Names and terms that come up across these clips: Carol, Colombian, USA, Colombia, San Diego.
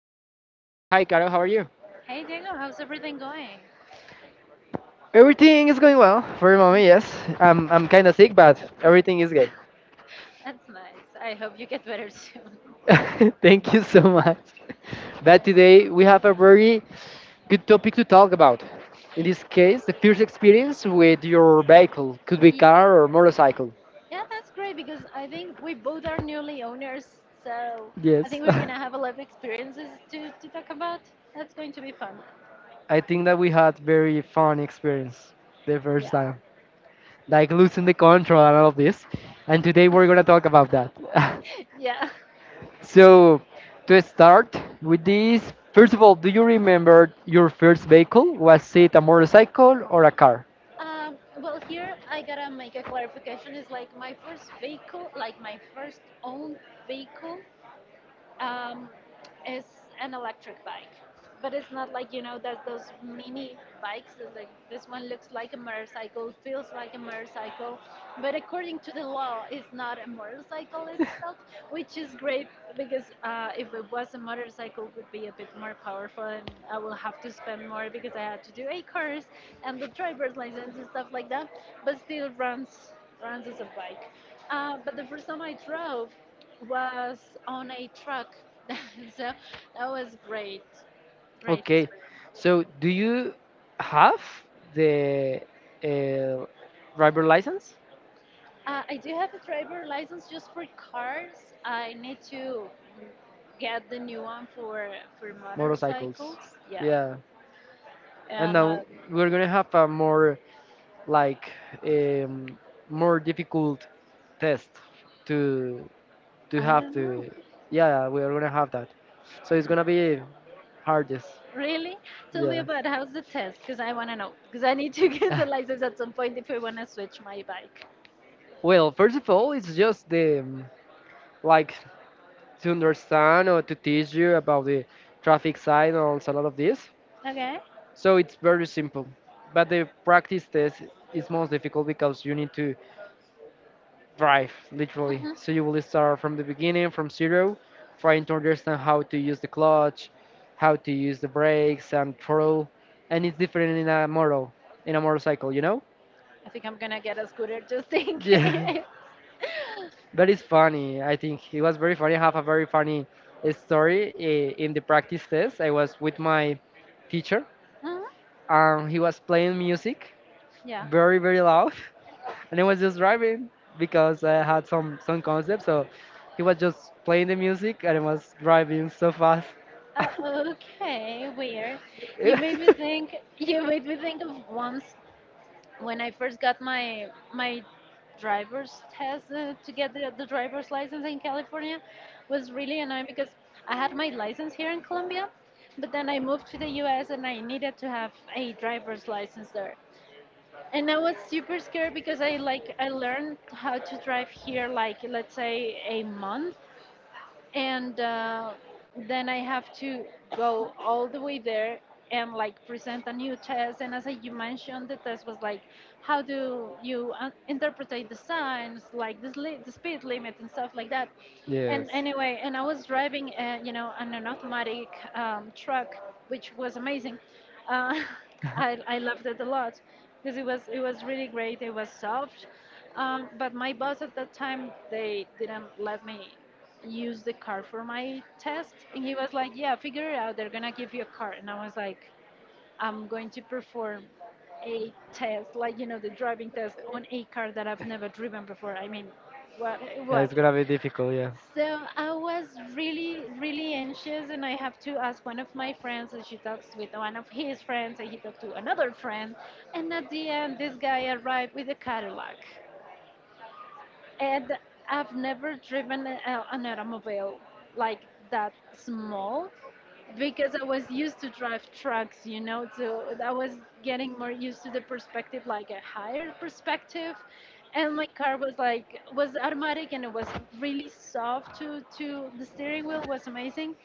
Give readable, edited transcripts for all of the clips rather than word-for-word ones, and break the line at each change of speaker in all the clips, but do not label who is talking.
Carol. Hi, Carol, how are you?
Hey Diego, how's everything going?
Everything is going well for the moment, yes. I'm kind of sick, but everything is good.
That's nice. I hope you get better soon.
Thank you so much. But today we
Sure.
have a very good topic to talk about. In this case, the first experience with your vehicle could be
Ye-
car or motorcycle.
Yeah, that's great because I think we both are newly owners, so I
Yes.
think we're gonna have a lot of experiences to talk about. That's going to be fun.
I think that we had very fun experience the first
Yeah.
time, like losing the control and all of this. And today we're gonna talk about that.
Yeah.
So, to start with this, first of all, do you remember your first vehicle? Was it a motorcycle or a car?
Well, here I gotta make a clarification. It's like my first vehicle, like my first owned vehicle um, is an electric bike, but it's not like you know that those mini bikes. It's like this one looks like a motorcycle, feels like a motorcycle, but according to the law, it's not a motorcycle itself, which is great because if it was a motorcycle, it would be a bit more powerful, and I will have to spend more because I had to do a course and the driver's license and stuff like that. But still runs as a bike. But the first time I drove, was on a truck. So that was great, great. Okay.
Okay,
Experience.
so do you have the uh, driver license?
I do have a driver license just for cars. I need to get the new one for
Motorcycles,
motorcycles. Yeah,
yeah. And
and
now we're gonna have a more like, um, more difficult test to to
I
have
don't know.
to, yeah, yeah, we are gonna have that, so it's gonna be hardest.
Really? Tell me
Yes.
about how's the test, because I want to know. Because I need to get the license at some point if I want to switch my bike.
Well, first of all, it's just the, like, to understand or to teach you about the traffic signals and all of this,
Okay.
so it's very simple. But the practice test is most difficult because you need to drive literally,
Mhm.
so you will start from the beginning from zero, trying to understand how to use the clutch, how to use the brakes and throttle. And it's different in a motor, in a motorcycle.
I think I'm gonna get a scooter just in
Yeah,
case.
but it's funny. I think it was very funny. I have a very funny, story. In the practice test I was with my teacher,
Uh huh.
and he was playing music
Yeah.
very, very loud. And he was just driving because I had some concept. So he was just playing the music and he was driving so fast.
Uh, okay, weird. You made me
It-
think. You made me think of once when I first got my driver's test to get the driver's license in California was really annoying because I had my license here in Colombia, but then I moved to the U.S. and I needed to have a driver's license there. And I was super scared because I like I learned how to drive here like let's say a month and then I have to go all the way there and like present a new test. And as you mentioned, the test was like, how do you interpret the signs, like the speed limit and stuff like that.
yes,
And anyway, and I was driving, you know, on an automatic truck, which was amazing. Uh, I loved it a lot because it was really great. It was soft, but my boss at that time they didn't let me use the card for my test and he was like, yeah, figure it out, they're gonna give you a card. And I was like, I'm going to perform a test like, you know, the driving test on a car that I've never driven before. I mean, what
yeah, it's
what
gonna be difficult. Yeah.
So I was really, really anxious and I have to ask one of my friends and she talks with one of his friends and he talked to another friend, and at the end this guy arrived with a Cadillac. And I've never driven an automobile like that small because I was used to drive trucks, you know, so I was getting more used to the perspective, like a higher perspective. And my car was like was automatic and it was really soft to the steering wheel was amazing.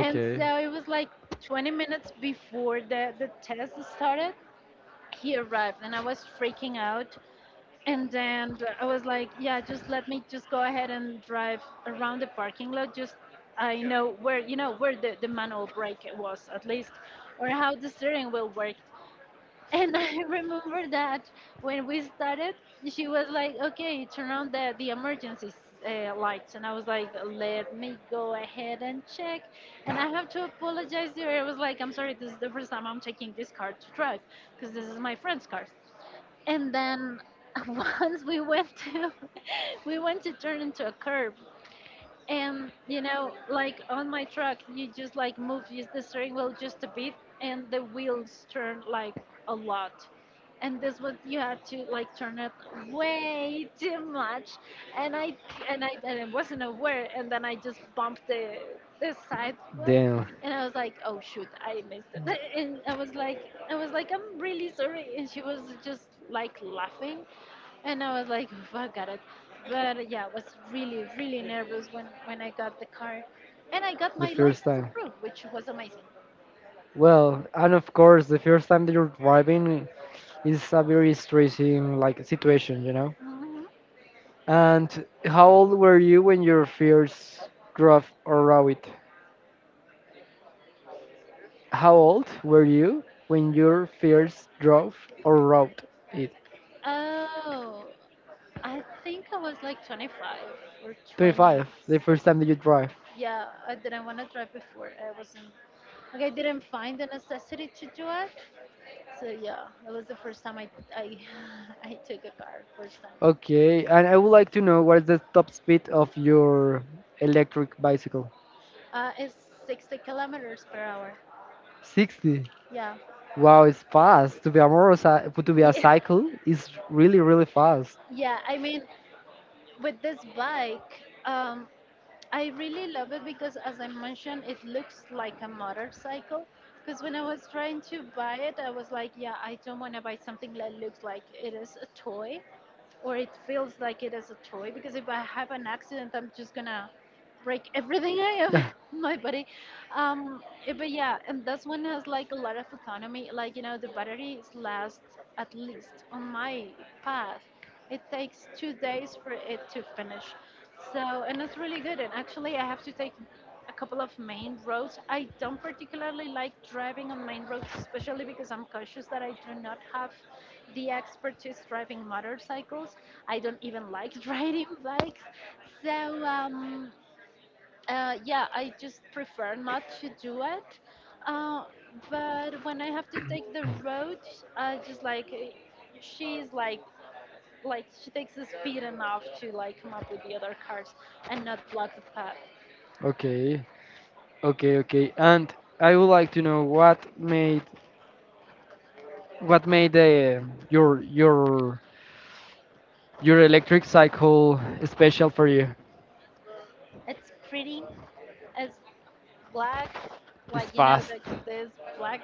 And so it was like 20 minutes before the test started, he arrived and I was freaking out and then I was like, yeah, just let me just go ahead and drive around the parking lot. Just I know where, you know where the manual brake was, at least, or how the steering wheel worked. And I remember that when we started, she was like, "Okay, turn on the emergency lights," and I was like, "Let me go ahead and check." And I have to apologize to her. I was like, "I'm sorry, this is the first time I'm taking this car to drive because this is my friend's car." And then once we went to we went to turn into a curb, and you know, like on my truck, you just like move use the steering wheel just a bit, and the wheels turn like a lot. And this one, you had to like turn it way too much, and I wasn't aware, and then I just bumped the side wheel,
Damn,
and I was like, oh shoot, I missed it. And I was like, I'm really sorry, and she was just like laughing, and I was like, "Oof, I got it." But yeah, I was really, really nervous when I got the car. And I got
the
my
first
license
time.
approved, which was amazing.
Well, and of course, the first time that you're driving is a very stressing like situation.
Mhm.
And how old were you when your first drove or rode it? How old were you when your first drove or rode it?
Oh, I think I was like 25 or
25, the
26.
first time that you drive.
Yeah, I didn't want to drive before. I wasn't, like, I didn't find the necessity to do it. So yeah, that was the first time I, I took a car, first time.
Okay, and I would like to know, what is the top speed of your electric bicycle?
It's 60 kilometers per hour.
60.
Yeah.
Wow, it's fast. To be a motorcycle, to be a
Yeah.
cycle is really, really fast.
Yeah, I mean, with this bike, I really love it because, as I mentioned, it looks like a motorcycle. Because when I was trying to buy it, I was like, yeah, I don't want to buy something that looks like it is a toy or it feels like it is a toy because if I have an accident, I'm just gonna break everything I have
Yeah.
in my body. But yeah, and this one has like a lot of autonomy. Like you know, the batteries last at least on my path. It takes 2 days for it to finish. So and it's really good. And actually, I have to take a couple of main roads. I don't particularly like driving on main roads, especially because I'm cautious that I do not have the expertise driving motorcycles. I don't even like riding bikes. So, yeah, I just prefer not to do it. Uh, but when I have to take the road, I just like, she's like, like she takes the speed enough to like come up with the other cars and not block the path.
Okay, okay, okay. And I would like to know, What made the your your your electric cycle special for you?
It's pretty. It's black,
It's
like you know,
fast.
like this black,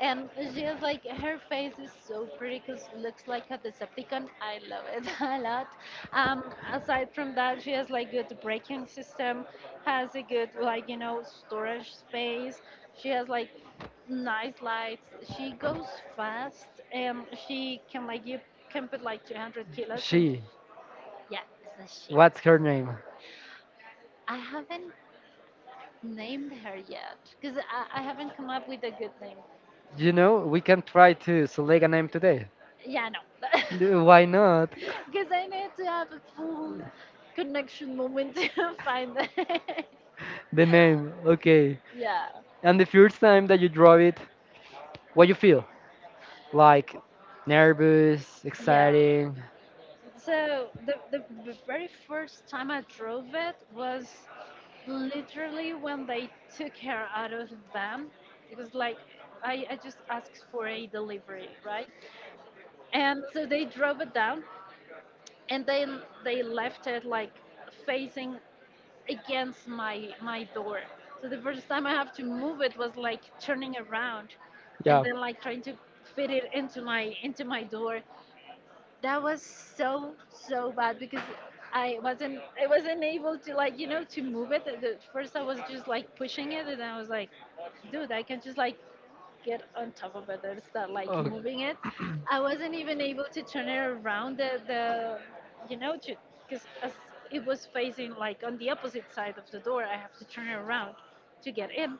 and she is like her face is so pretty because looks like a Decepticon. I love it a lot. Aside from that, she has like good braking system, has a good like you know storage space. She has like nice lights. She goes fast, and she can like you can put like 200 kilos, and
She.
yeah, it's a she.
What's her name?
I haven't named her yet because I haven't come up with a good name.
We can try to select a name today.
Yeah, no.
Why not?
Because I need to have a full connection moment to find it.
The name. Okay.
Yeah.
And the first time that you draw it, what you feel? Like nervous,
Yeah.
exciting.
So the very first time I drove it was literally when they took her out of the van. It was like I just asked for a delivery, right? And so they drove it down and they left it like facing against my door. So the first time I have to move it was like turning around and
Yeah.
then like trying to fit it into my door. That was so so bad because I wasn't able to like you know to move it. At the- first I was just like pushing it and I was like dude I can just like get on top of it and start like
Oh,
moving it. I wasn't even able to turn it around the you know, to because as it was facing like on the opposite side of the door, I have to turn it around to get in.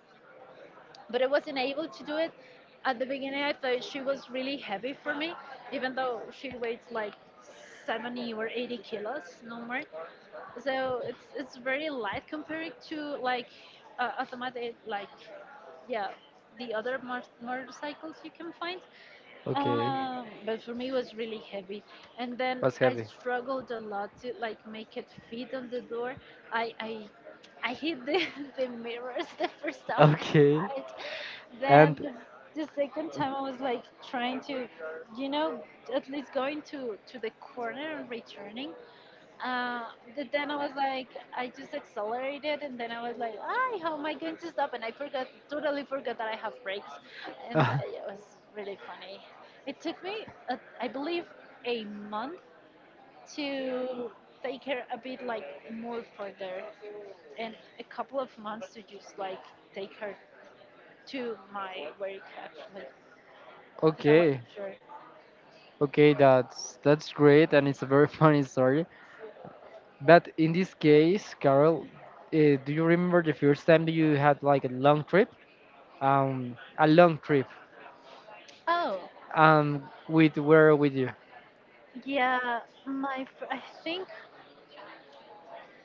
But I wasn't able to do it. At the beginning, I thought she was really heavy for me, even though she weighs like 70 or 80 kilos, no more. So it's very light compared to like automatic like yeah the other motorcycles you can find.
okay.
But for me it was really heavy and then
What's
I
heavy?
struggled a lot to like make it fit on the door. I i i hit the mirrors the first time I
Okay.
tried. Then
And
the second time I was like trying to you know at least going to the corner and returning, uh, but then I was like, I just accelerated, and then I was like, "Ay, how am I going to stop?" And I forgot, totally forgot that I have brakes, and it was really funny. It took me, I believe, a month to take her a bit like more further, and a couple of months to just like take her to my work actually, because I
okay.
wasn't sure.
Okay, that's great, and it's a very funny story. But in this case, Carol, do you remember the first time that you had like a long trip,
Oh,
with where with you,
yeah, I think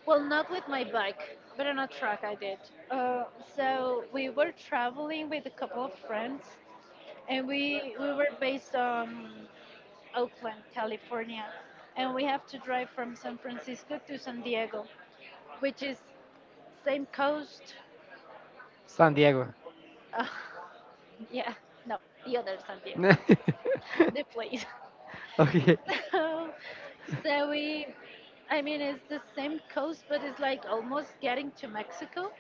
well, not with my bike, but on a truck I did. Uh, so we were traveling with a couple of friends, and we were based on Oakland, California, and we have to drive from San Francisco to San Diego, which is same coast.
San Diego?
Uh, yeah, no, the other San Diego, the place.
Okay,
So, so we, I mean, it's the same coast, but it's like almost getting to Mexico.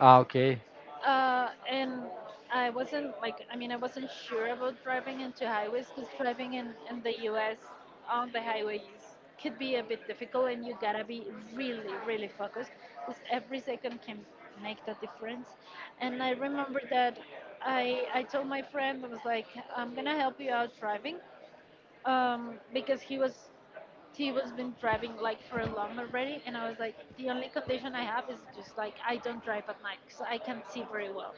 ah, okay,
And I wasn't like, I mean, I wasn't sure about driving into highways because driving in the US on the highways could be a bit difficult, and you gotta be really, really focused because every second can make the difference. And I remember that I told my friend, I was like, I'm gonna help you out driving, because he was been driving like for a long already, and I was like, the only condition I have is just like I don't drive at night because I can't see very well.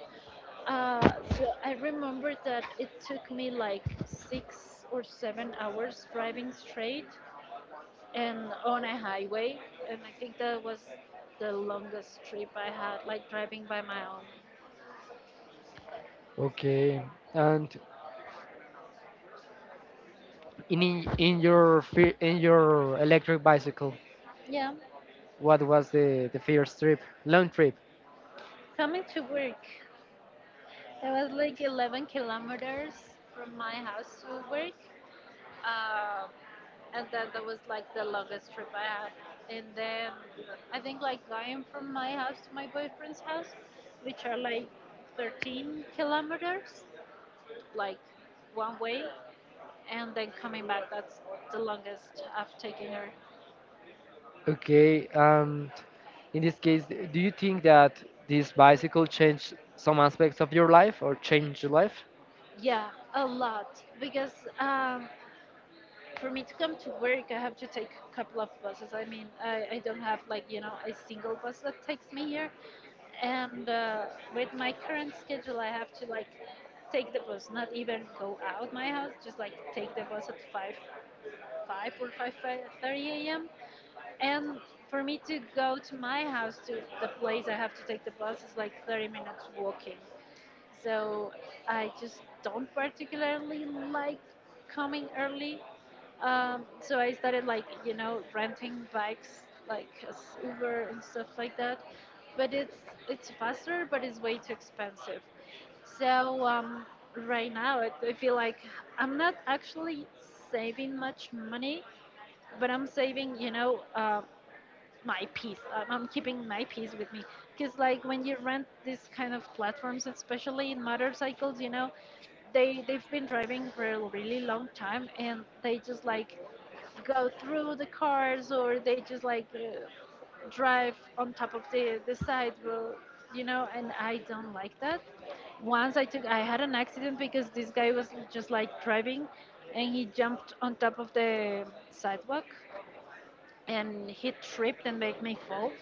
So I remember that it took me like 6 or 7 hours driving straight and on a highway, and I think that was the longest trip I had, like driving by my own.
okay. And in your electric bicycle,
Yeah,
what was the first trip, long trip?
coming to work, it was like 11 kilometers from my house to work. Um, and then that was like the longest trip I had. And then I think like going from my house to my boyfriend's house, which are like 13 kilometers, like one way, and then coming back, that's the longest I've taken her.
Okay, and in this case, do you think that this bicycle changed some aspects of your life or changed your life?
Yeah, a lot because, um, for me to come to work, I have to take a couple of buses. I mean, I don't have like, you know, a single bus that takes me here. And with my current schedule, I have to like take the bus, not even go out my house, just like take the bus at 5, 5 or 5:30 a.m. And for me to go to my house to the place I have to take the bus is like 30 minutes walking. So I just don't particularly like coming early. So I started like, you know, renting bikes like as Uber and stuff like that. But it's faster, but it's way too expensive. So right now I feel like I'm not actually saving much money, but I'm saving, you know, my peace. I'm keeping my peace with me, because like when you rent these kind of platforms, especially in motorcycles, you know, they've been driving for a really long time and they just like go through the cars, or they just like drive on top of the sidewalk, you know, and I don't like that. Once I took I had an accident because this guy was just like driving and he jumped on top of the sidewalk and he tripped and, like, made me fall.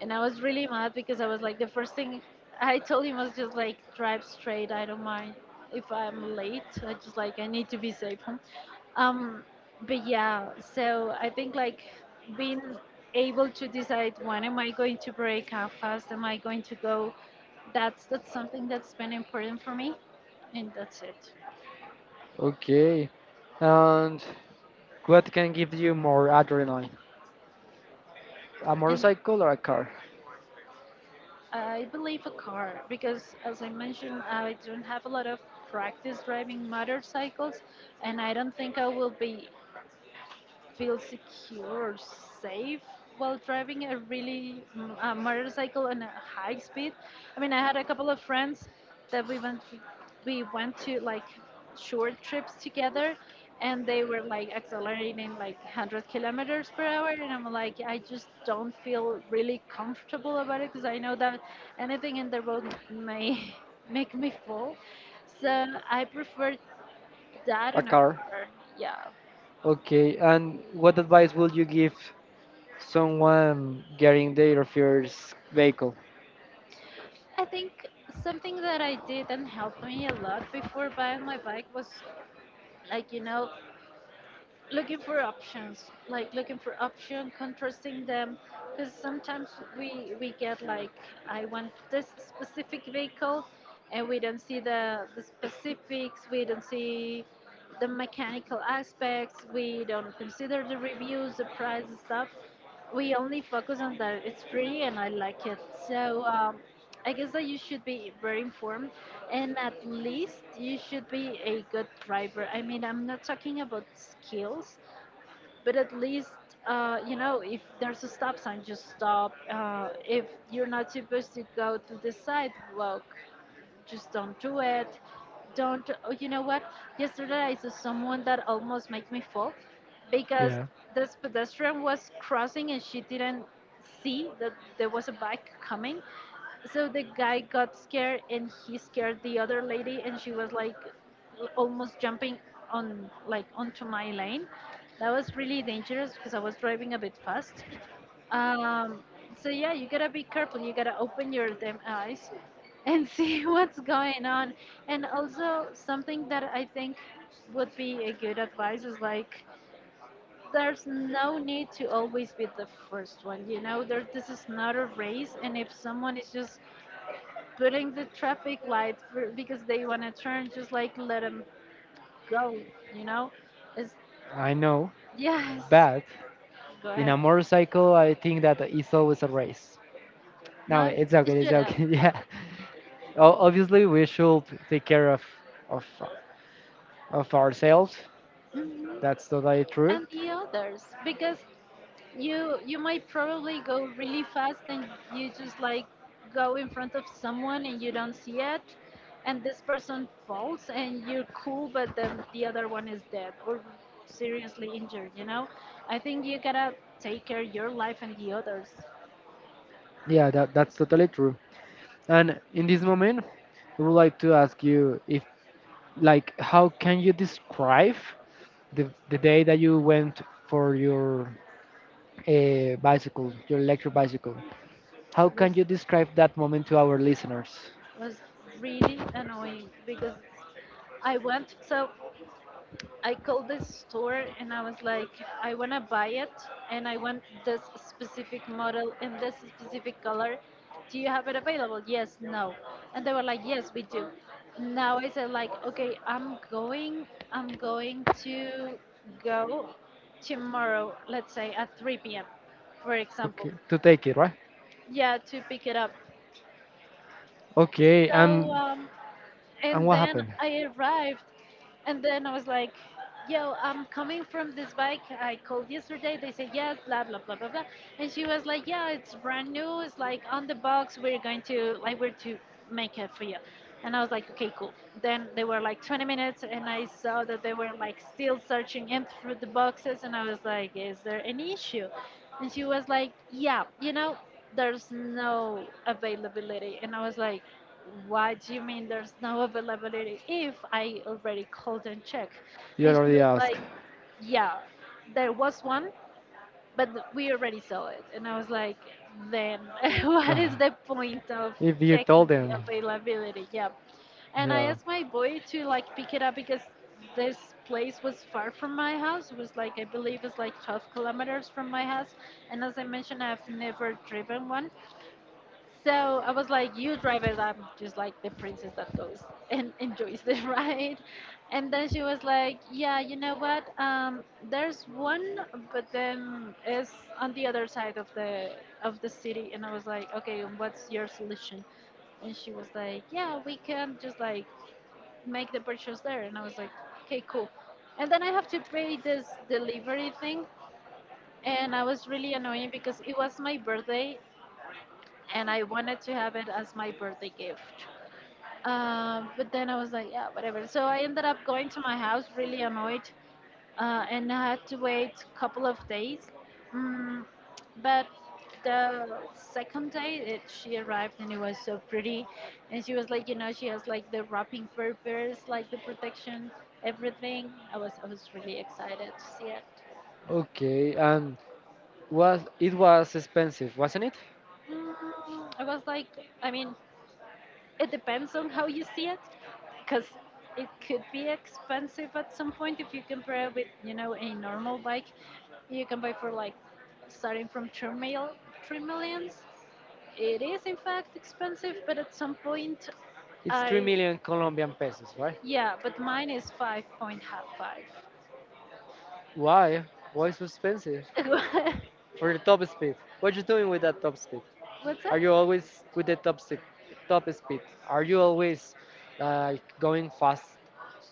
And I was really mad because I was like, the first thing I told him was just like, drive straight. I don't mind if I'm late. I just like, I need to be safe home. Um, but yeah, so I think like being able to decide when am I going to break, how fast am I going to go, that's something that's been important for me, and that's it.
Okay. And what can give you more adrenaline? A
And
motorcycle or a car?
I believe a car because, as I mentioned, I don't have a lot of practice driving motorcycles, and I don't think I will be feel secure, safe while driving a really a motorcycle on a high speed. I mean, I had a couple of friends that we went to like short trips together, and they were like accelerating like 100 kilometers per hour, and I'm like, I just don't feel really comfortable about it because I know that anything in the road may make me fall. So I prefer that
A
in a
car.
car. Yeah.
Okay. And what advice would you give someone getting their first vehicle?
I think something that I did and helped me a lot before buying my bike was like, you know, looking for options, like looking for option, contrasting them, because sometimes we get like, I want this specific vehicle, and we don't see the specifics, we don't see the mechanical aspects, we don't consider the reviews, the price, and stuff. We only focus on that it's pretty and I like it. So I guess that you should be very informed, and at least you should be a good driver. I mean, I'm not talking about skills, but at least you know, if there's a stop sign just stop. If you're not supposed to go to the sidewalk, just don't do it. Don't Oh, you know what, yesterday I saw someone that almost made me fall, because
Yeah,
this pedestrian was crossing and she didn't see that there was a bike coming, so the guy got scared and he scared the other lady, and she was like almost jumping on, like, onto my lane. That was really dangerous because I was driving a bit fast. Um, so yeah, you gotta be careful. You gotta open your damn eyes and see what's going on. And also something that I think would be a good advice is like, there's no need to always be the first one. You know, there this is not a race, and if someone is just putting the traffic light for, because they want to turn, just like let them grow, you know? It's,
I know,
yes,
but
go
in
ahead.
a motorcycle, I think that it's always a race. No,
No,
it's
it
okay. It's
shouldn't.
okay. Yeah. Obviously, we should take care of of ourselves.
Hmm.
That's totally true.
And the others, because you might probably go really fast, and you just like go in front of someone and you don't see it, and this person falls and you're cool, but then the other one is dead or seriously injured, you know. I think you gotta take care of your life and the others.
Yeah, that's totally true. And in this moment, I would like to ask you if, like, how can you describe the day that you went for your, bicycle, your electric bicycle? How
It
can
was
you describe that moment to our listeners?
was really annoying because I went, so I called this store and I was like, I want to buy it and I want this specific model in this specific color. Do you have it available? Yes, no. And they were like, yes, we do. Now I said like, okay, I'm going to go tomorrow, let's say at 3 p.m., for example.
Okay, to take it, right?
Yeah, to pick it up.
Okay,
So
and
um,
and
and
what
then
happened?
I arrived, and then I was like, "Yo, I'm coming from this bike. I called yesterday. They said yes, blah blah blah blah blah." And she was like, "Yeah, it's brand new. It's like on the box. We're to make it for you." And I was like, "Okay, cool." Then they were like 20 minutes, and I saw that they were like still searching in through the boxes, and I was like, "Is there any issue?" And she was like, "Yeah, you know." There's no availability, and I was like, what do you mean there's no availability if I already called and checked?
You
And she
already
was like,
asked.
yeah, there was one, but we already saw it. And I was like, then what is the point of
If you told
checking the
them,
availability? Yeah. And I
yeah,
asked my boy to like pick it up because this place was far from my house. It was like, I believe it's like 12 kilometers from my house. And as I mentioned, I've never driven one. So I was like, you drive it. I'm just like the princess that goes and enjoys the ride. And then she was like, yeah, you know what? There's one, but then it's on the other side of the city. And I was like, okay, and what's your solution? And she was like, yeah, we can just like make the purchase there. And I was like, okay, cool. And then I have to pay this delivery thing. And I was really annoying because it was my birthday and I wanted to have it as my birthday gift. But then I was like, yeah, whatever. So I ended up going to my house really annoyed, and I had to wait a couple of days. Mm, but the second day it, she arrived and it was so pretty, and she was like, you know, she has like the wrapping papers, like the protection, everything. I was really excited to see it.
okay. And was it was expensive, wasn't it?
I was like, I mean, it depends on how you see it because it could be expensive at some point if you compare it with, you know, a normal bike you can buy for like starting from 3 millions. It is in fact expensive, but at some point
It's three
I
million Colombian pesos, right?
yeah, but mine is 5.5.
Why? Why so expensive for the top speed? What you doing with that top speed?
What's that?
Are you always with the top speed? Top speed? Are you always like going fast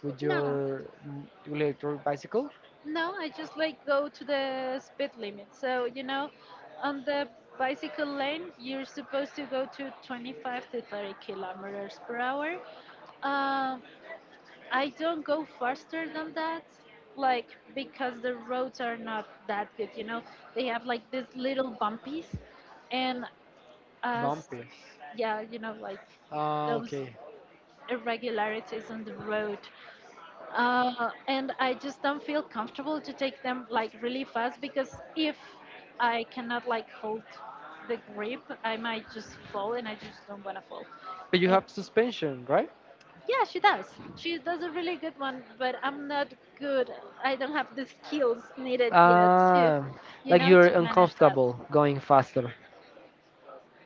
with
No
your, electric bicycle?
No, I just like go to the speed limit. So, you know, on the bicycle lane, you're supposed to go to 25 to 30 kilometers per hour. Um, I don't go faster than that, like because the roads are not that good, you know. They have like these little bumpies and as
Bumpy.
yeah, you know, like
Ah,
those
okay.
irregularities on the road, and I just don't feel comfortable to take them like really fast because if I cannot like hold the grip, I might just fall, and I just don't want to fall.
But you
And
have suspension, right?
yeah, she does. She does a really good one, but I'm not good. I don't have the skills needed yet to,
Ah,
you
like
know,
you're
to manage that.
uncomfortable going faster.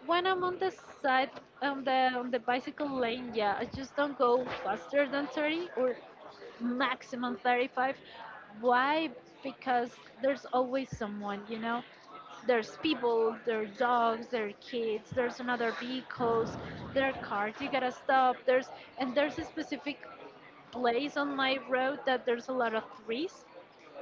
When I'm on the side, on the bicycle lane, yeah, I just don't go faster than 30 or maximum 35. Why? Because there's always someone, you know. There's people, there are dogs, there are kids, there's another vehicles, there are cars you gotta stop, there's, and there's a specific place on my road that there's a lot of trees,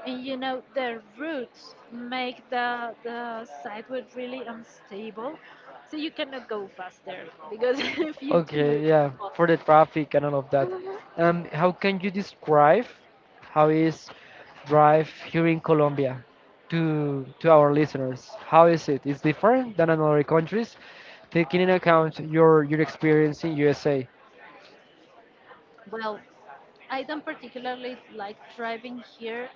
and you know, the roots make the sidewalk really unstable, so you cannot go faster because if you do, you're
Okay,
gonna
yeah, for the
fall.
traffic and all of that.
Mhm.
How can you describe how is drive here in Colombia to our listeners? How is it? It's different than in other countries, taking in account your experience in USA.
Well, I don't particularly like driving here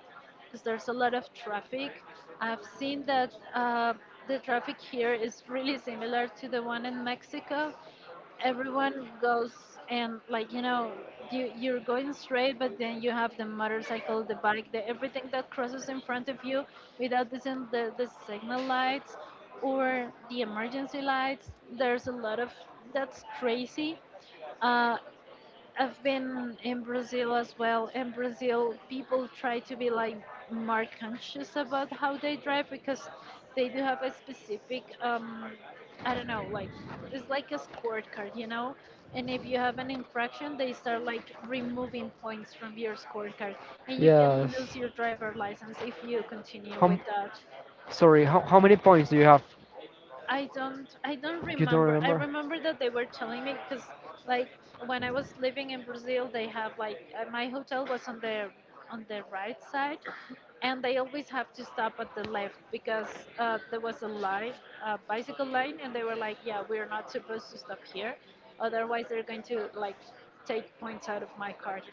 because there's a lot of traffic. I've seen that the traffic here is really similar to the one in Mexico. Everyone goes, and like you know, you're going straight, but then you have the motorcycle, the bike, the everything that crosses in front of you without the the signal lights or the emergency lights. There's a lot of, that's crazy. Uh, I've been in Brazil as well. In Brazil, people try to be like more conscious about how they drive because they do have a specific, I don't know, like it's like a scorecard, you know. And if you have an infraction, they start like removing points from your scorecard, and you
Yes.
can lose your driver license if you continue
How,
with that.
sorry, how many points do you have?
I don't
You don't
remember. I
remember?
remember that they were telling me because, like, when I was living in Brazil, they have like my hotel was on the right side, and they always have to stop at the left because there was a line, a bicycle line, and they were like, yeah, we're not supposed to stop here, otherwise they're going to like take points out of my card.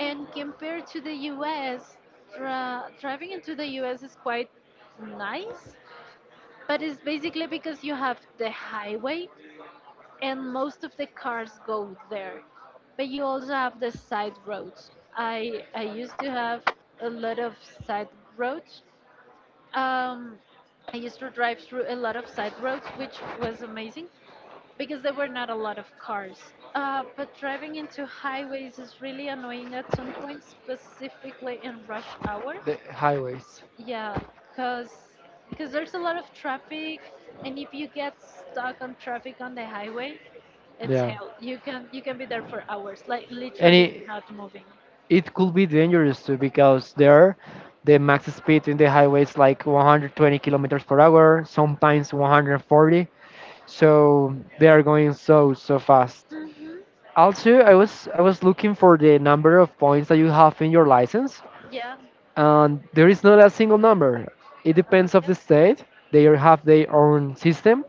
And compared to the U.S., driving into the U.S. is quite nice, but it's basically because you have the highway and most of the cars go there. But you also have the side roads. I used to have a lot of side roads. Um, I used to drive through a lot of side roads, which was amazing because there were not a lot of cars. But driving into highways is really annoying at some point, specifically in rush hours,
The highways.
yeah, cause there's a lot of traffic, and if you get stuck on traffic on the highway, it's
Yeah.
hell. You can be there for hours, like literally
Any
not moving.
it could be dangerous too because the max speed in the highway is like 120 kilometers per hour, sometimes 140, so they are going so fast.
Mhm.
Also, I was looking for the number of points that you have in your license,
Yeah.
and there is not a single number. It depends of the state. They have their own system,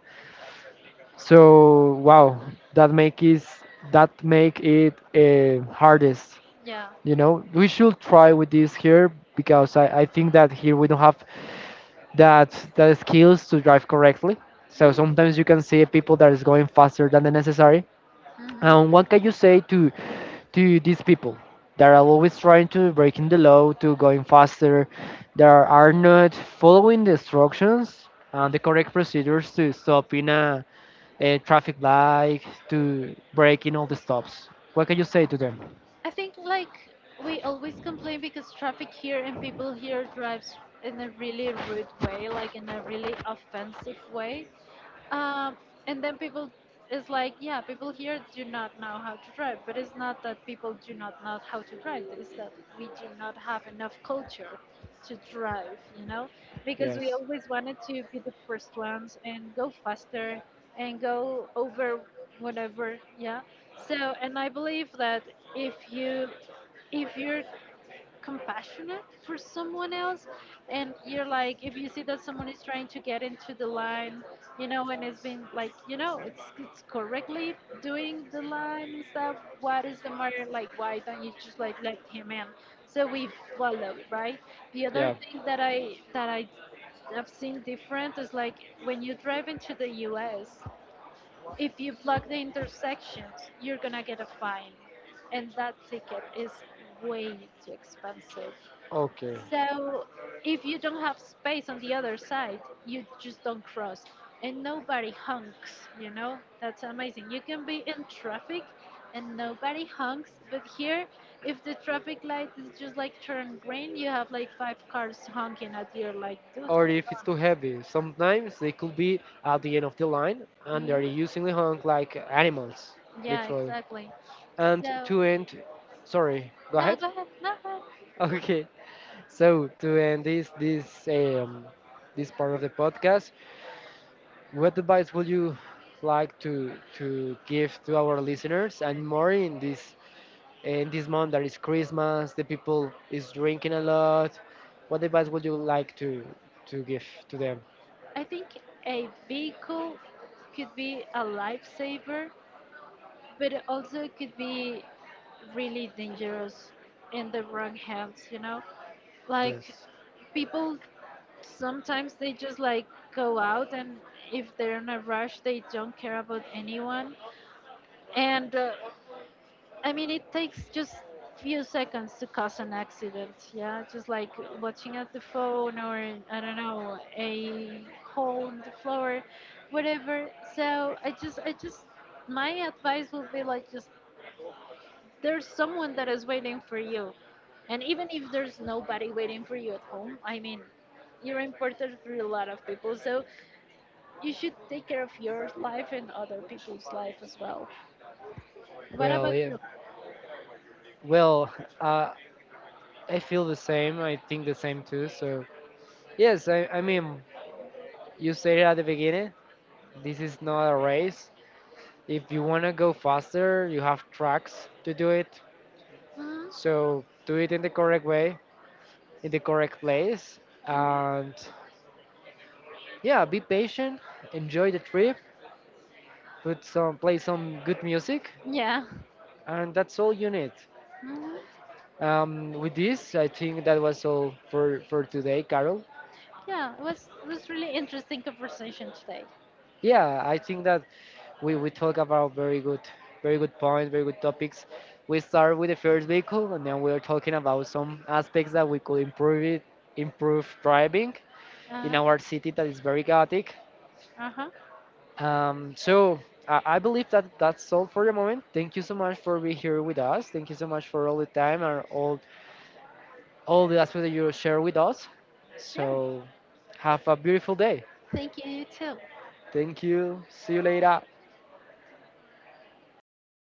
so wow. that make is that make it, hardest.
Yeah.
We should try with this here because I think that here we don't have that that skills to drive correctly. So sometimes you can see people that is going faster than the necessary.
Mm-hmm.
And what can you say to these people that are always trying to breaking the law, to going faster, that are not following the instructions and the correct procedures to stop in a traffic light, to break in all the stops? What can you say to them?
I think like we always complain because traffic here and people here drives in a really rude way, like in a really offensive way. Um, and then people is like, yeah, people here do not know how to drive, but it's not that people do not know how to drive. It's that we do not have enough culture to drive, you know, because we
Yes.
always wanted to be the first ones and go faster and go over whatever, yeah. So, and I believe that if you, if you're compassionate for someone else, and you're like, if you see that someone is trying to get into the line, you know, and it's been like, you know, it's correctly doing the line and stuff, what is the matter, like why don't you just like let him in, so we follow right. The other
Yeah.
thing that I have seen different is like, when you drive into the U.S., if you block the intersections, you're gonna get a fine, and that ticket is way too expensive.
Okay.
So, if you don't have space on the other side, you just don't cross, and nobody honks, you know? That's amazing. You can be in traffic and nobody honks, but here, if the traffic light is just like turn green, you have like five cars honking at you, like, dude,
Or if
hold
it's
on.
too heavy. Sometimes they could be at the end of the line and they're
Hmm.
usually hung like animals,
Yeah,
literally.
exactly.
And
So,
to end, sorry, go
no,
ahead.
go ahead. No, go ahead.
Okay, so to end this part of the podcast, what advice would you like to give to our listeners, and more in this month that is Christmas, the people is drinking a lot. What advice would you like to give to them?
I think a vehicle could be a lifesaver, but it also could be really dangerous in the wrong hands, you know? Like,
Yes.
people sometimes they just like go out, and if they're in a rush they don't care about anyone, and I mean, it takes just few seconds to cause an accident. Yeah, just like watching at the phone, or I don't know, a hole in the floor, whatever. So I just, my advice would be like, just, there's someone that is waiting for you, and even if there's nobody waiting for you at home, I mean, you're important for a lot of people. So you should take care of your life and other people's life as well. What
Well,
about
yeah.
you?
Well, uh, I feel the same. I think the same too. So, yes, I mean, you said it at the beginning. This is not a race. If you want to go faster, you have tracks to do it.
Mhm,
So, do it in the correct way, in the correct place.
mhm.
And yeah, be patient, enjoy the trip, play some good music,
Yeah.
and that's all you need.
Hmm.
With this, I think that was all for today, Carol.
Yeah, it was really interesting conversation today.
Yeah, I think that we talk about very good, very good points, very good topics. We start with the first vehicle, and then we're talking about some aspects that we could improve driving in
Uh
our city that is very chaotic,
huh. Uh huh.
so I believe that that's all for the moment. Thank you so much for being here with us. Thank you so much for all the time and all the aspects that you share with us,
Sure.
so have a beautiful day.
Thank you, you too.
Thank you, see you later.